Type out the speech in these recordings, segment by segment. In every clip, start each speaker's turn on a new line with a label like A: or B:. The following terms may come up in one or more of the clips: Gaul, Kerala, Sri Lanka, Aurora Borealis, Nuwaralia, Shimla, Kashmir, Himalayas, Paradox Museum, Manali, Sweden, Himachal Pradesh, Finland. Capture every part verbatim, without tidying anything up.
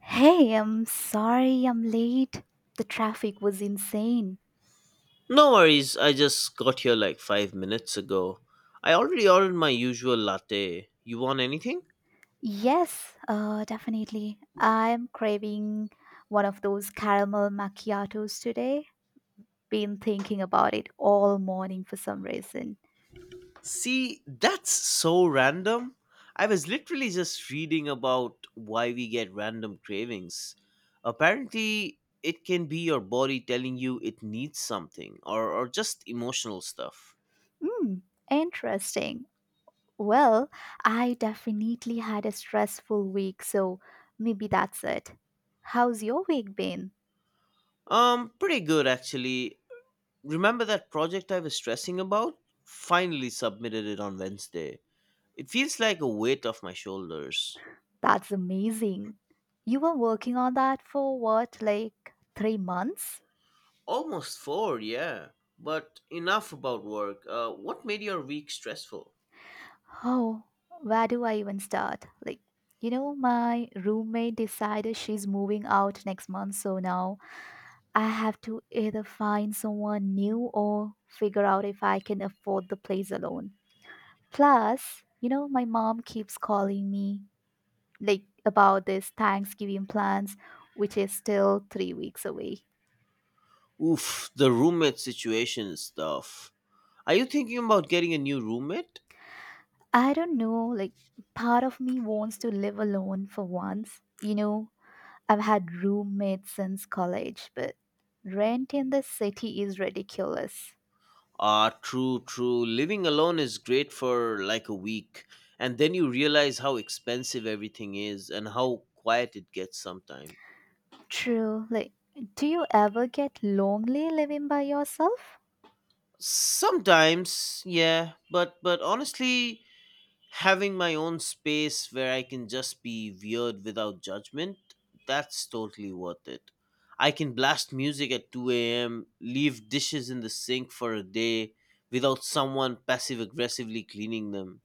A: Hey, I'm sorry I'm late. The traffic was insane.
B: No worries, I just got here like five minutes ago. I already ordered my usual latte. You want anything?
A: Yes, uh, definitely. I'm craving one of those caramel macchiatos today. Been thinking about it all morning for some reason.
B: See, that's so random. I was literally just reading about why we get random cravings. Apparently, it can be your body telling you it needs something, or, or just emotional stuff.
A: Hmm, interesting. Well, I definitely had a stressful week, so maybe that's it. How's your week been?
B: Um, pretty good actually. Remember that project I was stressing about? Finally submitted it on Wednesday. It feels like a weight off my shoulders.
A: That's amazing. You were working on that for what, like three months?
B: Almost four, yeah. But enough about work. Uh, what made your week stressful?
A: Oh, where do I even start? Like, you know, my roommate decided she's moving out next month, so now I have to either find someone new or figure out if I can afford the place alone. Plus, you know, my mom keeps calling me like about this Thanksgiving plans, which is still three weeks away.
B: Oof, the roommate situation is tough. Are you thinking about getting a new roommate?
A: I don't know, like, part of me wants to live alone for once, you know, I've had roommates since college, but rent in the city is ridiculous.
B: Ah, true, true. Living alone is great for like a week, and then you realize how expensive everything is and how quiet it gets sometimes.
A: True. Like, do you ever get lonely living by yourself?
B: Sometimes, yeah, but but honestly, having my own space where I can just be weird without judgment, that's totally worth it. I can blast music at two a m, leave dishes in the sink for a day without someone passive aggressively cleaning them.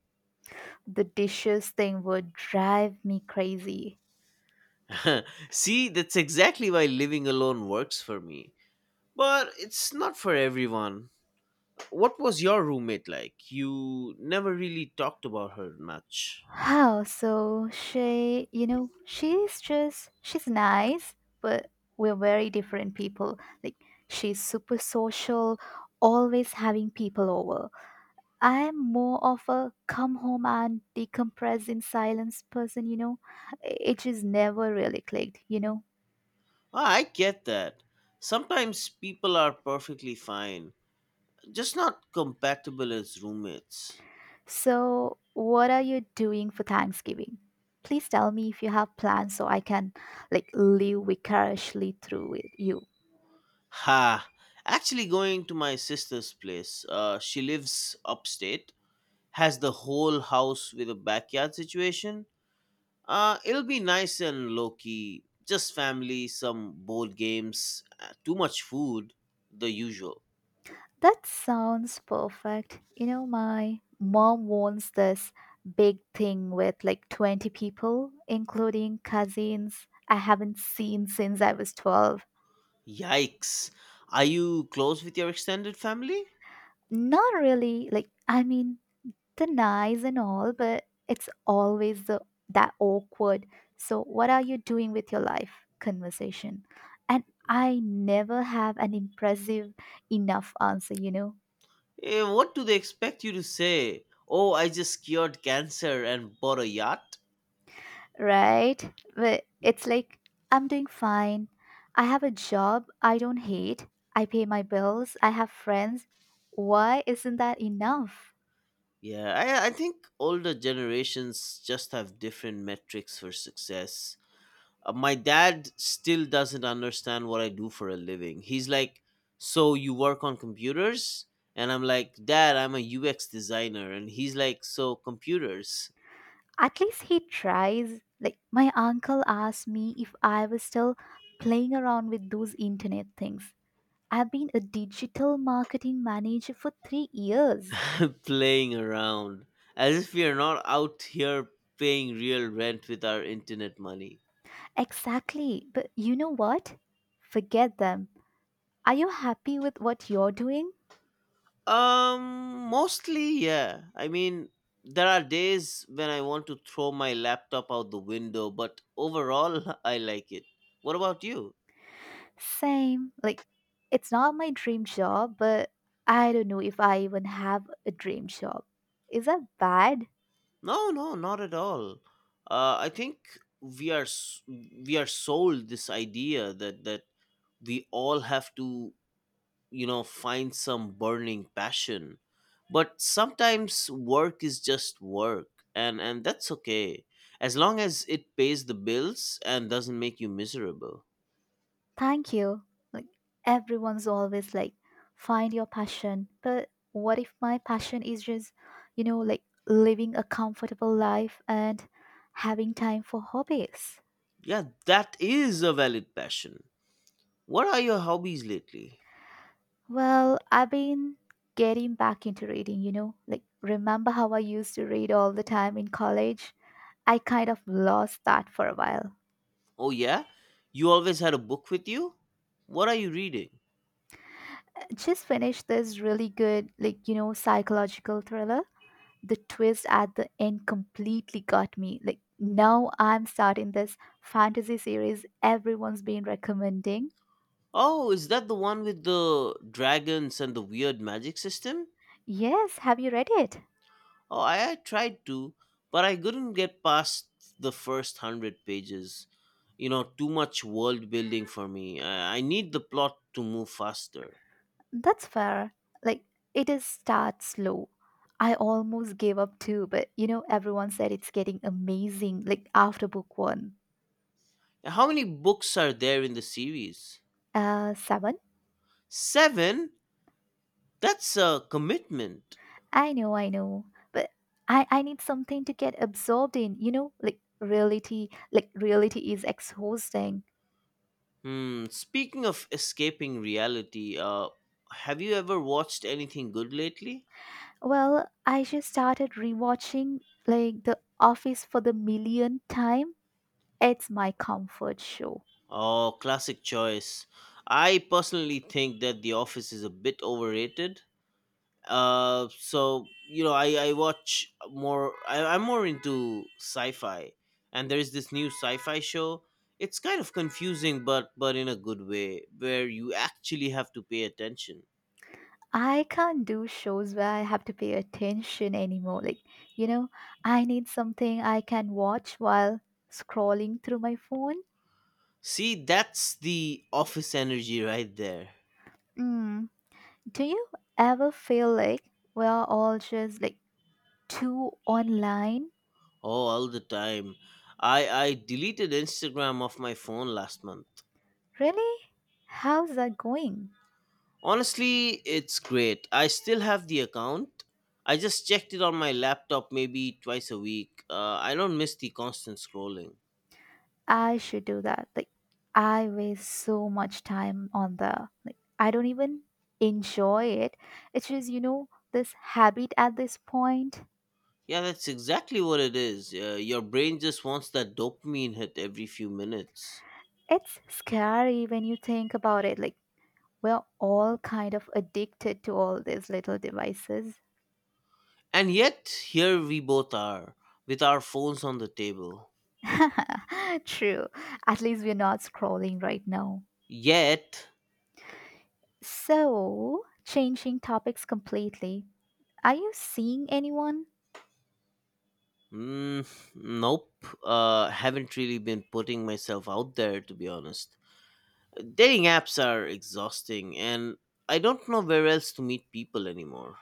A: The dishes thing would drive me crazy.
B: See, that's exactly why living alone works for me. But it's not for everyone. What was your roommate like? You never really talked about her much.
A: How? So she, you know, she's just, she's nice, but we're very different people. Like, she's super social, always having people over. I am more of a come home and decompress in silence person, you know. It just never really clicked, you know.
B: Ah, I get that. Sometimes people are perfectly fine just not compatible as roommates.
A: So, what are you doing for Thanksgiving? Please tell me if you have plans so I can like live vicariously through with you.
B: Ha! Actually, going to my sister's place. Uh, she lives upstate, has the whole house with a backyard situation. Uh, it'll be nice and low key. Just family, some board games, uh, too much food, the usual.
A: That sounds perfect. You know, my mom wants this big thing with like twenty people, including cousins I haven't seen since I was twelve.
B: Yikes! Are you close with your extended family?
A: Not really. Like, I mean, they're nice and all, but it's always the that awkward. So what are you doing with your life conversation? And I never have an impressive enough answer, you know.
B: Eh, what do they expect you to say? Oh, I just cured cancer and bought a yacht?
A: Right? But it's like I'm doing fine. I have a job I don't hate. I pay my bills. I have friends. Why isn't that enough?
B: Yeah, I I think older generations just have different metrics for success. Uh, my dad still doesn't understand what I do for a living. He's like, "So you work on computers?" And I'm like, "Dad, I'm a U X designer." And he's like, "So computers?"
A: At least he tries. Like my uncle asked me if I was still playing around with those internet things. I've been a digital marketing manager for three years.
B: Playing around as if we are not out here paying real rent with our internet money.
A: Exactly. But you know what? Forget them. Are you happy with what you're doing?
B: Um, mostly, yeah. I mean, there are days when I want to throw my laptop out the window, but overall, I like it. What about you?
A: Same. Like, it's not my dream job, but I don't know if I even have a dream job. Is that bad?
B: No, no, not at all. Uh, I think we are s- we are sold this idea that that we all have to you know find some burning passion, but sometimes work is just work, and and that's okay as long as it pays the bills and doesn't make you miserable.
A: Thank you. Like, everyone's always like, find your passion. But what if my passion is just, you know, like living a comfortable life and having time for hobbies?
B: Yeah, that is a valid passion. What are your hobbies lately?
A: Well, I've been getting back into reading, you know. Like, remember how I used to read all the time in college? I kind of lost that for a while.
B: Oh yeah, you always had a book with you. What are you reading?
A: Just finished this really good, like, you know, psychological thriller. The twist at the end completely got me. Like, now I'm starting this fantasy series everyone's been recommending.
B: Oh, is that the one with the dragons and the weird magic system?
A: Yes, have you read it?
B: Oh, I, I tried to, but I couldn't get past the first hundred pages. You know, too much world building for me. I, I need the plot to move faster.
A: That's fair. Like, it is start slow. I almost gave up too, but you know, everyone said it's getting amazing, like after book one.
B: How many books are there in the series?
A: Uh, seven?
B: Seven? That's a commitment.
A: I know, I know. But I, I need something to get absorbed in, you know, like reality, like reality is exhausting.
B: Hmm, speaking of escaping reality, uh, have you ever watched anything good lately?
A: Well, I just started rewatching like The Office for the millionth time. It's my comfort show.
B: Oh, classic choice. I personally think that The Office is a bit overrated. Uh, so you know, I I watch more. I, I'm more into sci-fi, and there's this new sci-fi show. It's kind of confusing, but but in a good way, where you actually have to pay attention.
A: I can't do shows where I have to pay attention anymore. Like, you know, I need something I can watch while scrolling through my phone.
B: See, that's the office energy right there.
A: Mm. Do you ever feel like we're all just like too online?
B: Oh, all the time. I I deleted Instagram off my phone last month.
A: Really? How's that going?
B: Honestly, it's great. I still have the account. I just checked it on my laptop maybe twice a week. Uh, I don't miss the constant scrolling.
A: I should do that. Like, I waste so much time on the, like, I don't even enjoy it. It's just, you know, this habit at this point.
B: Yeah, that's exactly what it is. Uh, your brain just wants that dopamine hit every few minutes.
A: It's scary when you think about it. Like, we're all kind of addicted to all these little devices.
B: And yet, here we both are, with our phones on the table.
A: True. At least we're not scrolling right now.
B: Yet,
A: So, changing topics completely. Are you seeing anyone?
B: mm, nope, uh, haven't really been putting myself out there, to be honest. Dating apps are exhausting, and I don't know where else to meet people anymore.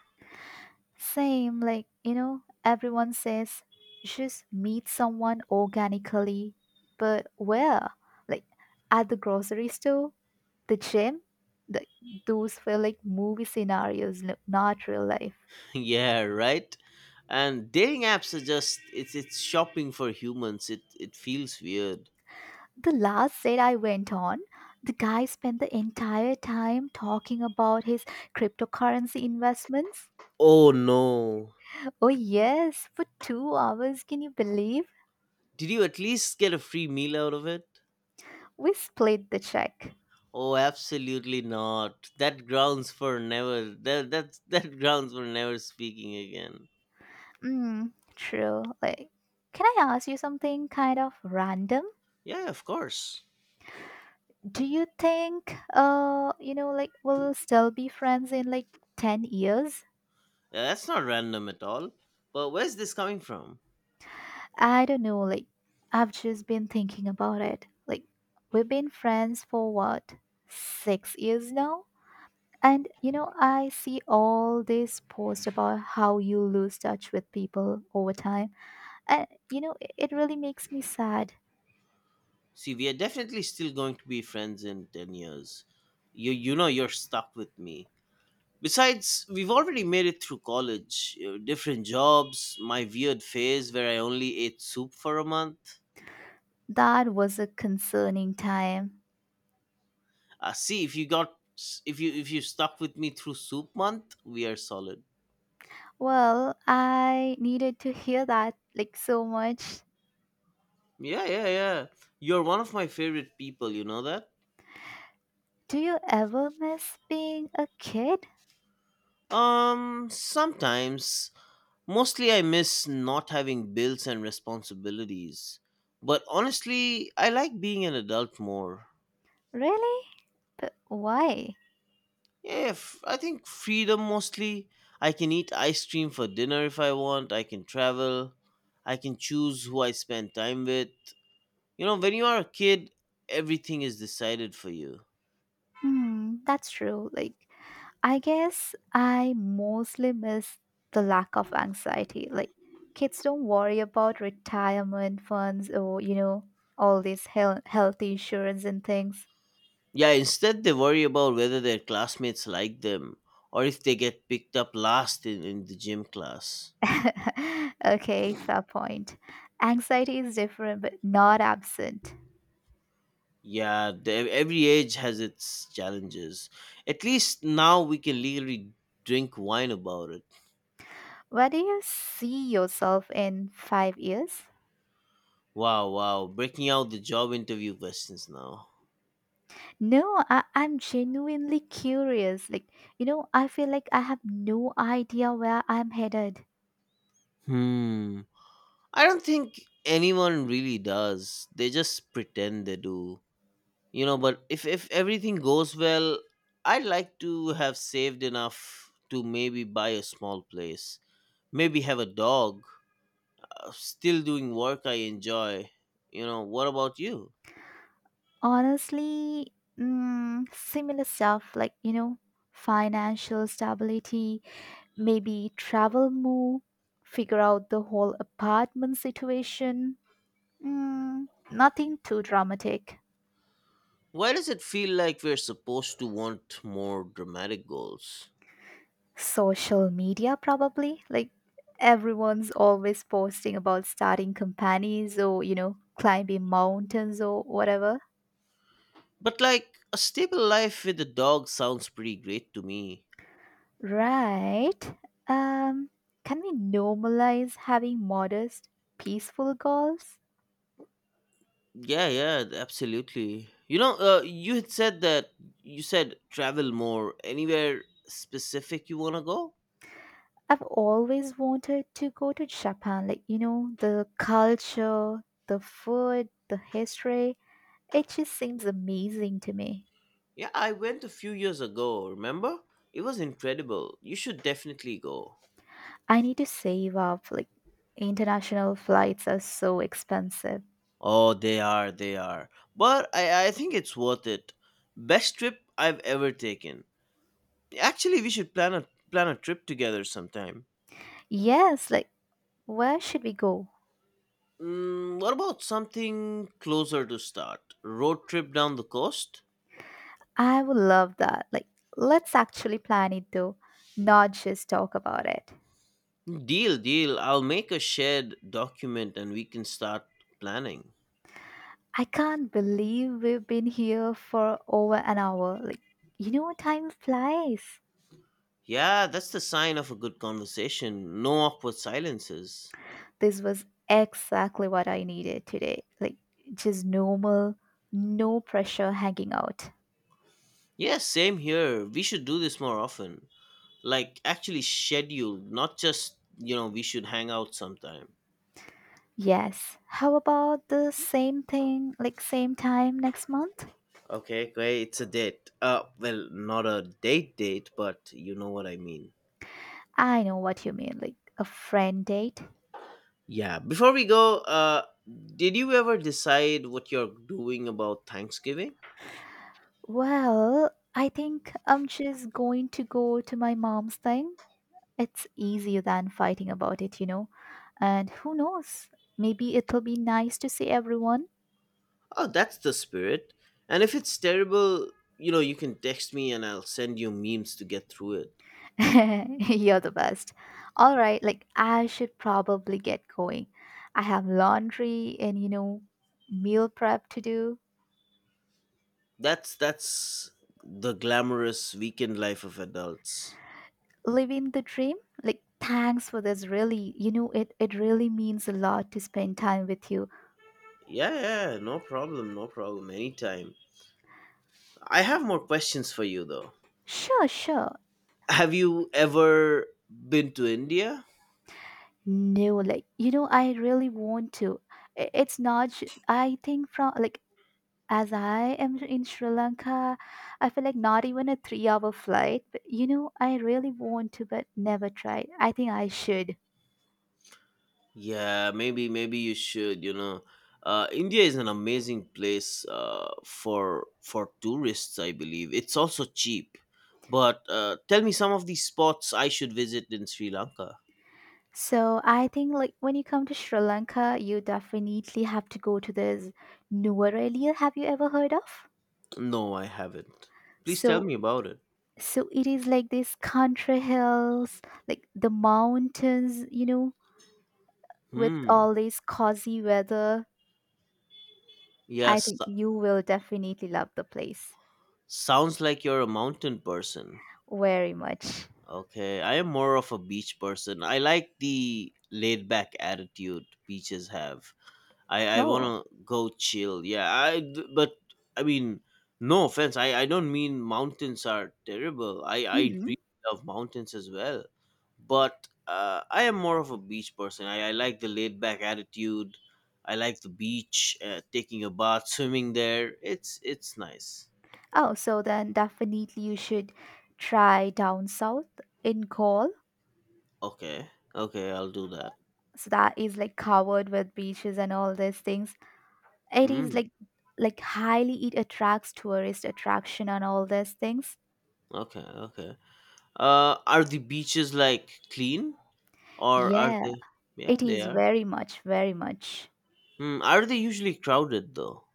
A: Same, like, you know, everyone says just meet someone organically. But where? Like, at the grocery store? The gym, the, those were like movie scenarios, no- not real life.
B: Yeah, right. And dating apps are just it's it's shopping for humans. It it feels weird.
A: The last date I went on, the guy spent the entire time talking about his cryptocurrency investments.
B: Oh no.
A: Oh, yes, for two hours, can you believe?
B: Did you at least get a free meal out of it?
A: We split the check.
B: Oh, absolutely not. That grounds for never that that that grounds for never speaking again.
A: Mm, true. Like, can I ask you something kind of random?
B: Yeah, of course.
A: Do you think, uh, you know, like, we'll still be friends in like ten years?
B: Yeah, that's not random at all. But where's this coming from?
A: I don't know, like, I've just been thinking about it. Like, we've been friends for what, six years now? And, you know, I see all these posts about how you lose touch with people over time. And, you know, it, it really makes me sad.
B: See, we are definitely still going to be friends in ten years. You you know you're stuck with me. Besides, we've already made it through college, uh, different jobs, my weird phase where I only ate soup for a month.
A: That was a concerning time.
B: Uh, see, if you got if you if you stuck with me through soup month, we are solid.
A: Well, I needed to hear that, like, so much.
B: Yeah, yeah, yeah. You're one of my favorite people, you know that?
A: Do you ever miss being a kid?
B: Um, sometimes. Mostly, I miss not having bills and responsibilities. But honestly, I like being an adult more.
A: Really? But why?
B: Yeah, f- I think freedom mostly. I can eat ice cream for dinner if I want, I can travel, I can choose who I spend time with. You know, when you are a kid, everything is decided for you.
A: Hmm, that's true. Like, I guess I mostly miss the lack of anxiety. Like kids don't worry about retirement funds or you know all these health health insurance and things.
B: Yeah, instead, they worry about whether their classmates like them or if they get picked up last in, in the gym class.
A: Okay, fair point. Anxiety is different but not absent.
B: Yeah, the, every age has its challenges. At least now we can legally drink wine about it.
A: Where do you see yourself in five years?
B: Wow, wow. Breaking out the job interview questions now.
A: No, I, I'm genuinely curious. Like, you know, I feel like I have no idea where I'm headed.
B: Hmm. I don't think anyone really does. They just pretend they do. You know, but if, if everything goes well, I'd like to have saved enough to maybe buy a small place. Maybe have a dog. Uh, Still doing work I enjoy. You know, what about you?
A: Honestly, mm, similar stuff like, you know, financial stability, maybe travel move, figure out the whole apartment situation. Mm, nothing too dramatic.
B: Why does it feel like we're supposed to want more dramatic goals?
A: Social media, probably. Like, everyone's always posting about starting companies or, you know, climbing mountains or whatever.
B: But like a stable life with a dog sounds pretty great to me.
A: Right. Um, can we normalize having modest, peaceful goals?
B: Yeah, yeah, absolutely. You know, uh, you had said that you said travel more. Anywhere specific you want to go?
A: I've always wanted to go to Japan. Like, you know, the culture, the food, the history. It just seems amazing to me.
B: Yeah, I went a few years ago, remember? It was incredible. You should definitely go.
A: I need to save up. Like, international flights are so expensive.
B: Oh, they are, they are. But I, I think it's worth it. Best trip I've ever taken. Actually, we should plan a plan a trip together sometime.
A: Yes, like, where should we go?
B: Mm, what about something closer to start? Road trip down the coast?
A: I would love that. Like, let's actually plan it though, not just talk about it.
B: Deal, deal. I'll make a shared document and we can start planning.
A: I can't believe we've been here for over an hour. Like, you know, time flies.
B: Yeah, that's the sign of a good conversation. No awkward silences.
A: This was exactly what I needed today. Like, just normal, no pressure hanging out.
B: Yes, same here. We should do this more often. Like actually scheduled, not just, you know, we should hang out sometime.
A: Yes. How about the same thing, like, same time next month?
B: Okay, great. It's a date. Uh, well, not a date date, but you know what I mean.
A: I know what you mean, like a friend date.
B: Yeah. Before we go, uh, did you ever decide what you're doing about Thanksgiving?
A: Well, I think I'm just going to go to my mom's thing. It's easier than fighting about it, you know? And who knows? Maybe it'll be nice to see everyone.
B: Oh, that's the spirit. And if it's terrible, you know, you can text me and I'll send you memes to get through it.
A: You're the best. All right, like I should probably get going. I have laundry and you know, meal prep to do.
B: That's that's the glamorous weekend life of adults.
A: Living the dream. Like thanks for this really, you know, it it really means a lot to spend time with you.
B: Yeah, yeah, no problem, no problem. Anytime. I have more questions for you though.
A: Sure, sure.
B: Have you ever been to India?
A: No, like you know, I really want to. I- It's not ju- I think from like as I am in Sri Lanka, I feel like not even a three hour flight. But you know, I really want to, but never tried. I think I should.
B: Yeah, maybe maybe you should. You know, uh, India is an amazing place uh, for for tourists. I believe it's also cheap. But uh, tell me some of the spots I should visit in Sri Lanka.
A: So I think like when you come to Sri Lanka, you definitely have to go to this Nuwaralia. Have you ever heard of?
B: No, I haven't. Please tell
A: So
B: me about it.
A: so it is like this country hills, like the mountains, you know, with
B: Hmm.
A: all this cozy weather. I
B: Yes.
A: think
B: so-
A: you will definitely love the place
B: Sounds like you're a mountain person.
A: very much.
B: Okay. I am more of a beach person. I like the laid back attitude beaches have. I I
A: Oh.
B: wanna go chill. Yeah, I d- but I mean, no offense. I I don't mean mountains are terrible. I I
A: Mm-hmm.
B: really love mountains as well, but uh, I am more of a beach person. I I like the laid back attitude. I like the beach, uh, taking a bath, swimming there. It's it's nice.
A: Oh, so then definitely you should try down south in Gaul.
B: Okay, okay, I'll do that.
A: So that is like covered with beaches and all these things. It is
B: Mm,
A: like like highly it attracts tourist attraction and all these things.
B: okay, okay. Uh, are the beaches like clean or are
A: Yeah,
B: they? Yeah,
A: it
B: they
A: is
B: are.
A: very much, very much.
B: Hmm, are they usually crowded though?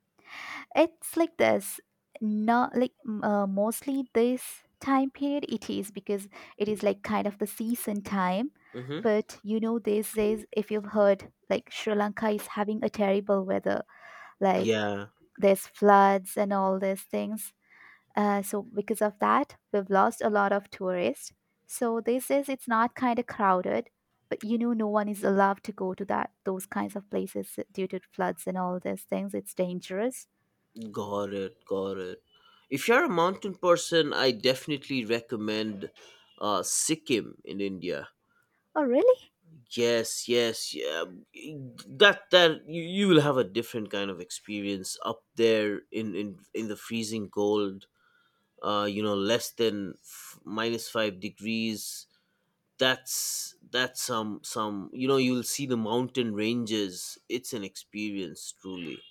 A: It's like this. Not like m- uh, mostly this time period it is because it is like kind of the season time.
B: Mm-hmm.
A: But you know, these days, if you've heard, like Sri Lanka is having a terrible weather like
B: Yeah,
A: there's floods and all these things. Uh, so because of that, we've lost a lot of tourists. So this is it's not kind of crowded, but you know, no one is allowed to go to that those kinds of places due to floods and all these things. It's dangerous.
B: got it, got it. If you're a mountain person, I definitely recommend uh, Sikkim in India.
A: Oh, really?
B: Yes, yes, yeah. That that you, you will have a different kind of experience up there in in in the freezing cold. Uh, you know, less than f- minus five degrees. That's that's some some. You know, you'll see the mountain ranges. It's an experience, truly.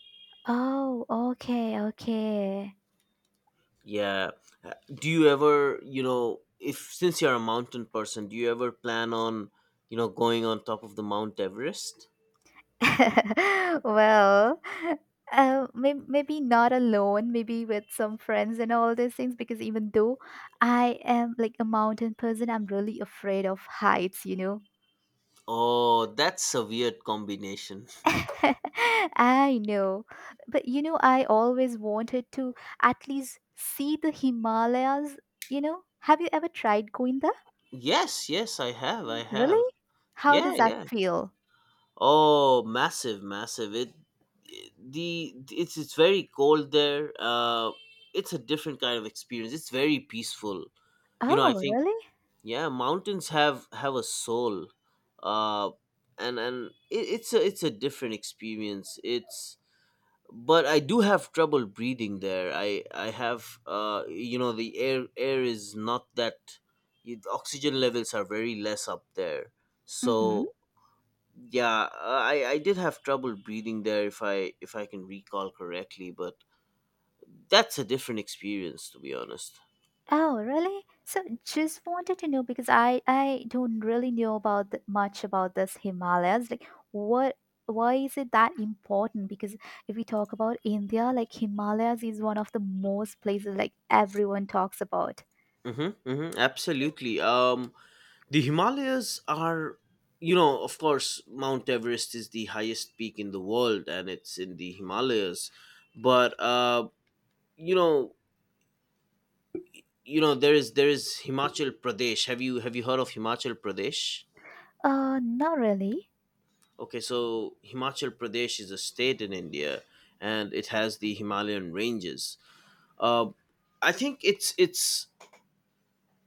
A: Oh, okay, okay.
B: Yeah. Uh, Do you ever, you know, if since you're a mountain person, do you ever plan on, you know, going on top of the Mount Everest?
A: Well, uh, may- maybe not alone, maybe with some friends and all these things, because even though I am like a mountain person, I'm really afraid of heights, you know.
B: Oh, that's a weird combination.
A: I know. But you know, I always wanted to at least see the Himalayas, you know. Have you ever tried going there?
B: Yes, yes, I have. I have.
A: Really? How
B: Yeah,
A: does that
B: yeah.
A: feel?
B: Oh, massive, massive. It the it's it's very cold there. Uh it's a different kind of experience. It's very peaceful. You know, I
A: Oh,
B: think
A: really?
B: yeah mountains have have a soul uh and and it, it's a it's a different experience it's But I do have trouble breathing there. I i have uh you know the air air is not that The oxygen levels are very less up there,
A: Mm-hmm.
B: so yeah, i i did have trouble breathing there if i if i can recall correctly, but that's a different experience to be honest.
A: Oh, really? So just wanted to know because I I don't really know about th- much about this Himalayas. Like what why is it that important? Because if we talk about India, like Himalayas is one of the most places like everyone talks about.
B: Mm-hmm, mm-hmm, absolutely. Um, The Himalayas are, you know, of course, Mount Everest is the highest peak in the world, and it's in the Himalayas. But uh, you know, you know, there is there is Himachal Pradesh. Have you have you heard of Himachal Pradesh?
A: Uh, not really.
B: Okay, so Himachal Pradesh is a state in India, and it has the Himalayan ranges. Uh, I think it's it's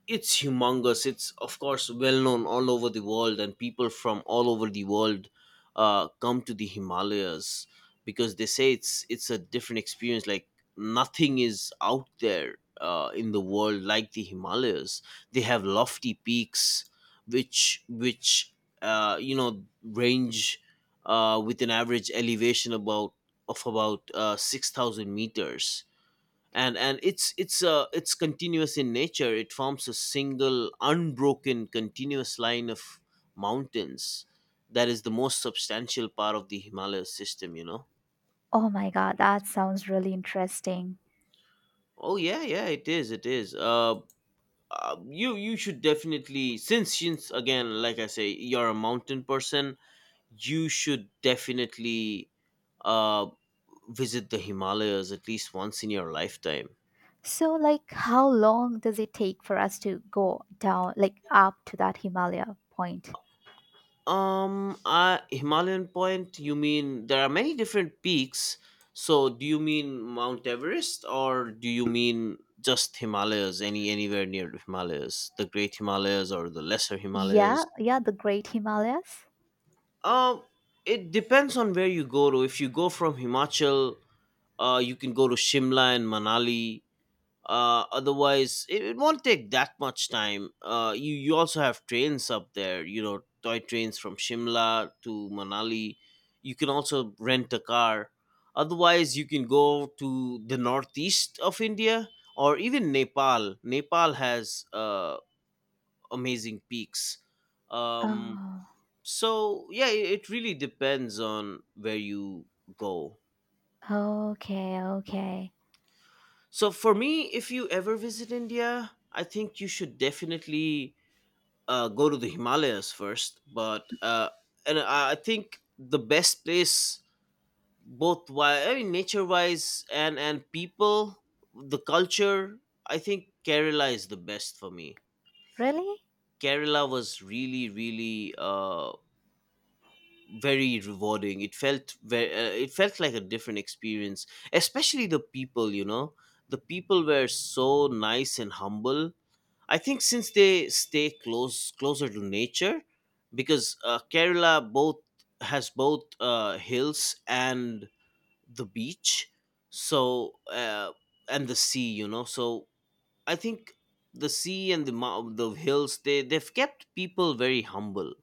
B: it's humongous. It's of course well known all over the world, and people from all over the world uh, come to the Himalayas because they say it's it's a different experience. Like nothing is out there uh, in the world like the Himalayas. They have lofty peaks, which which uh, you know range uh, with an average elevation about of about uh, six thousand meters, and and it's it's uh it's continuous in nature. It forms a single unbroken continuous line of mountains, that is the most substantial part of the Himalaya system you know
A: Oh my God, that sounds really interesting.
B: Oh yeah, yeah, it is, it is uh, uh you you should definitely, since since again, like I say, you're a mountain person, you should definitely uh visit the Himalayas at least once in your lifetime.
A: So like how long does it take for us to go down like up to that Himalaya point?
B: Um, uh, Himalayan point, you mean? There are many different peaks. So do you mean Mount Everest or do you mean just Himalayas, any anywhere near the Himalayas, the Great Himalayas or the Lesser Himalayas?
A: Yeah, yeah, the Great Himalayas.
B: Um, it depends on where you go to. If you go from Himachal, uh, you can go to Shimla and Manali. Uh otherwise it, it won't take that much time. uh you you also have trains up there, you know, toy trains from Shimla to Manali. You can also rent a car. Otherwise you can go to the northeast of India, or even nepal Nepal has uh amazing peaks. um
A: Oh.
B: so yeah, it, it really depends on where you go.
A: Okay, okay.
B: So for me, if you ever visit India, I think you should definitely uh, go to the Himalayas first, but uh, and I I think the best place, both wise, I mean, nature wise, and and people, the culture. I think Kerala is the best for me.
A: Really?
B: Kerala was really really uh, very rewarding. It felt very, uh, it felt like a different experience, especially the people. You know, the people were so nice and humble. I think since they stay close closer to nature, because uh, Kerala both has both uh, hills and the beach, so uh, and the sea, you know. So I think the sea and the mou- the hills, they they've kept people very humble.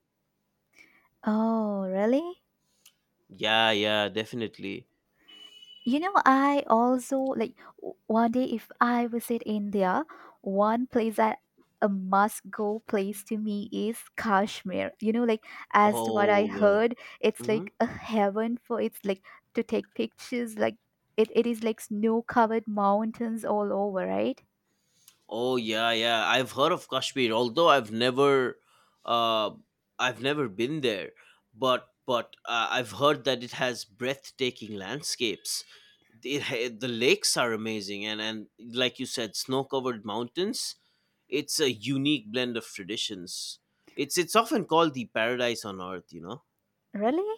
A: Oh, really?
B: Yeah, yeah, definitely.
A: You know, I also like w- one day if I visit India, one place that a must go place to me is Kashmir. You know, like as to what I
B: Oh yeah.
A: heard, it's
B: Mm-hmm.
A: like a heaven for it's like to take pictures, like it, it is like snow covered mountains all over, right?
B: Oh yeah, yeah. I've heard of Kashmir, although I've never, uh, I've never been there. But but uh, I've heard that it has breathtaking landscapes. It, ha- the lakes are amazing, and and like you said, snow-covered mountains. It's a unique blend of traditions. It's it's often called the paradise on earth, you know.
A: Really?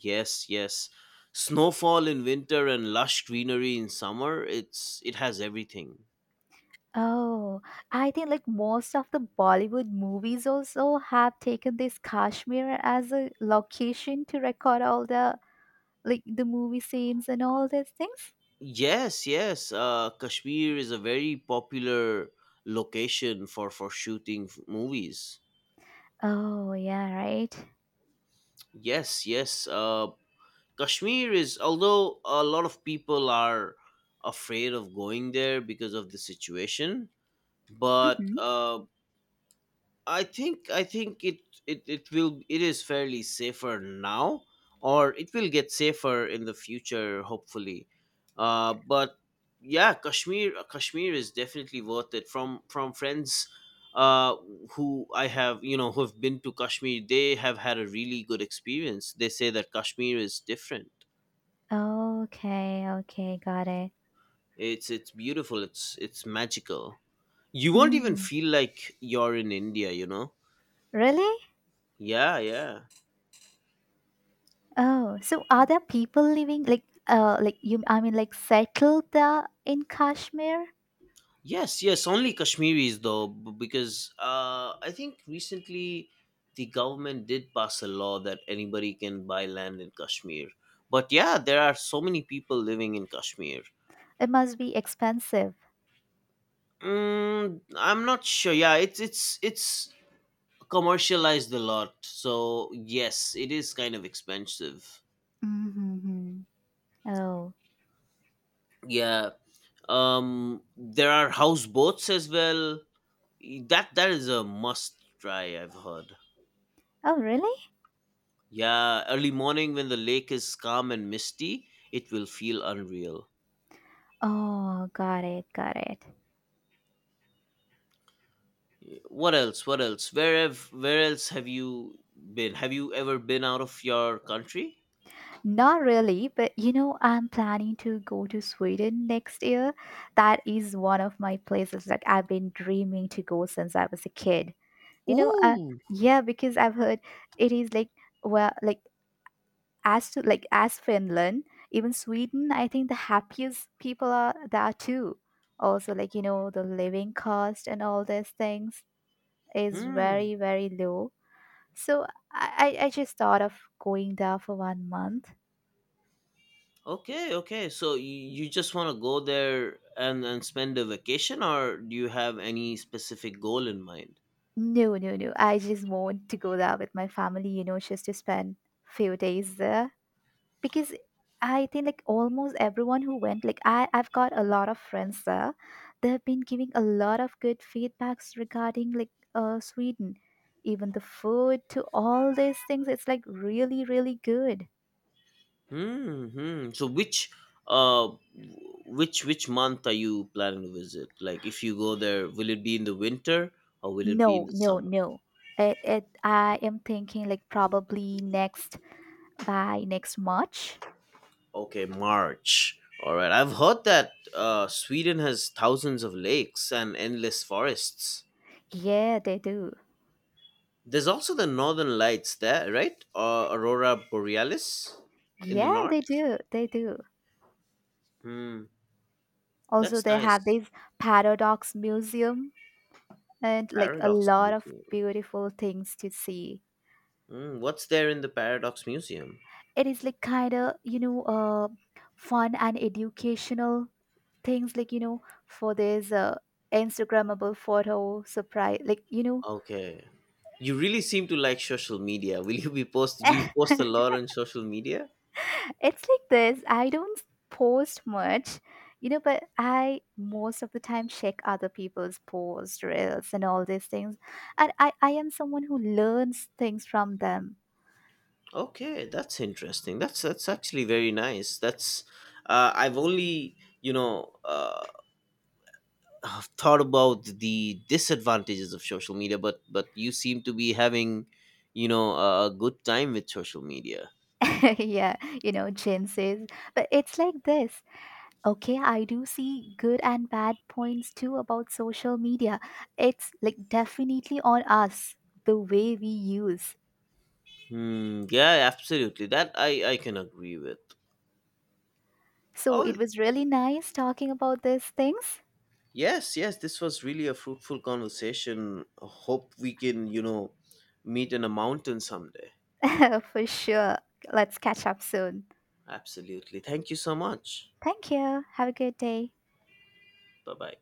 B: Yes, yes. Snowfall in winter and lush greenery in summer. It's it has everything.
A: Oh, I think like most of the Bollywood movies also have taken this Kashmir as a location to record all the like the movie scenes and all these things.
B: Yes, yes. Uh, Kashmir is a very popular location for for shooting f- movies.
A: Oh, yeah, right.
B: Yes, yes. Uh, Kashmir is, although a lot of people are afraid of going there because of the situation, but
A: Hmm.
B: uh, I think I think it, it it will it is fairly safer now, or it will get safer in the future, hopefully. Uh, but yeah, Kashmir Kashmir is definitely worth it. From from friends, uh, who I have, you know, who have been to Kashmir, they have had a really good experience. They say that Kashmir is different.
A: Okay, okay, got it.
B: It's it's beautiful. It's it's magical. You won't even
A: Mm.
B: feel like you're in India, you know.
A: Really?
B: Yeah, yeah.
A: Oh, so are there people living like uh like you I mean like settled there in Kashmir?
B: Yes, yes, only Kashmiris though, b- because uh, I think recently the government did pass a law that anybody can buy land in Kashmir. But yeah, there are so many people living in Kashmir.
A: It must be expensive.
B: Mm, I'm not sure. Yeah, it's it's it's commercialized a lot, so yes, it is kind of expensive.
A: Mm-hmm. Oh.
B: Yeah, um, there are houseboats as well. That that is a must try, I've heard.
A: Oh, really?
B: Yeah, early morning when the lake is calm and misty, it will feel unreal.
A: Oh, got it, got it.
B: What else? What else? Where have where else have you been? Have you ever been out of your country?
A: Not really, but you know, I'm planning to go to Sweden next year. That is one of my places that I've been dreaming to go since I was a kid. You know, uh,
B: Ooh.
A: yeah, because I've heard it is like well, like as to like as Finland, even Sweden, I think the happiest people are there too. Also, like you know, the living cost and all these things is
B: Hmm.
A: very very low. So I I I just thought of going there for one month.
B: Okay, okay. So y- you just want to go there and and spend a vacation, or do you have any specific goal in mind?
A: No, no, no. I just want to go there with my family, you know, just to spend few days there because I think like almost everyone who went, like I I've got a lot of friends there. They've been giving a lot of good feedbacks regarding like uh Sweden. Even the food to all these things, it's like really, really good.
B: Hmm, hmm. So which uh which which month are you planning to visit? Like if you go there, will it be in the winter or will it be in
A: No,
B: the
A: no,
B: summer?
A: no. It, it I am thinking like probably next by next March.
B: Okay, March. All right. I've heard that uh, Sweden has thousands of lakes and endless forests.
A: Yeah, they do.
B: There's also the northern lights there, right? Uh, Aurora Borealis in the
A: Yeah,
B: north.
A: they do. They do.
B: Hmm.
A: Also,
B: That's
A: they
B: nice.
A: have this Paradox Museum and like a
B: Paradox
A: lot of
B: Museum.
A: beautiful things to see.
B: Hmm. What's there in the Paradox Museum?
A: It is like kind of, you know, uh, fun and educational things, like, you know, for this uh, Instagrammable photo surprise, like, you know,
B: Okay. You really seem to like social media. Will you be post? Do you post a lot on social media?
A: It's like this. I don't post much, you know, but I most of the time check other people's posts, reels, and all these things. And I, I am someone who learns things from them.
B: Okay, that's interesting. That's that's actually very nice. That's uh, I've only you know uh, thought about the disadvantages of social media, but but you seem to be having, you know, a a good time with social media.
A: Yeah, you know, Jim says. But it's like this. Okay, I do see good and bad points too about social media. It's like definitely on us, the way we use.
B: Hmm, yeah, absolutely. That I I can agree with.
A: So
B: Oh
A: it was really nice talking about these things.
B: yes, yes. This was really a fruitful conversation. Hope we can, you know, meet in a mountain someday.
A: For sure. Let's catch up soon.
B: Absolutely. Thank you so much.
A: Thank you. Have a good day.
B: Bye bye.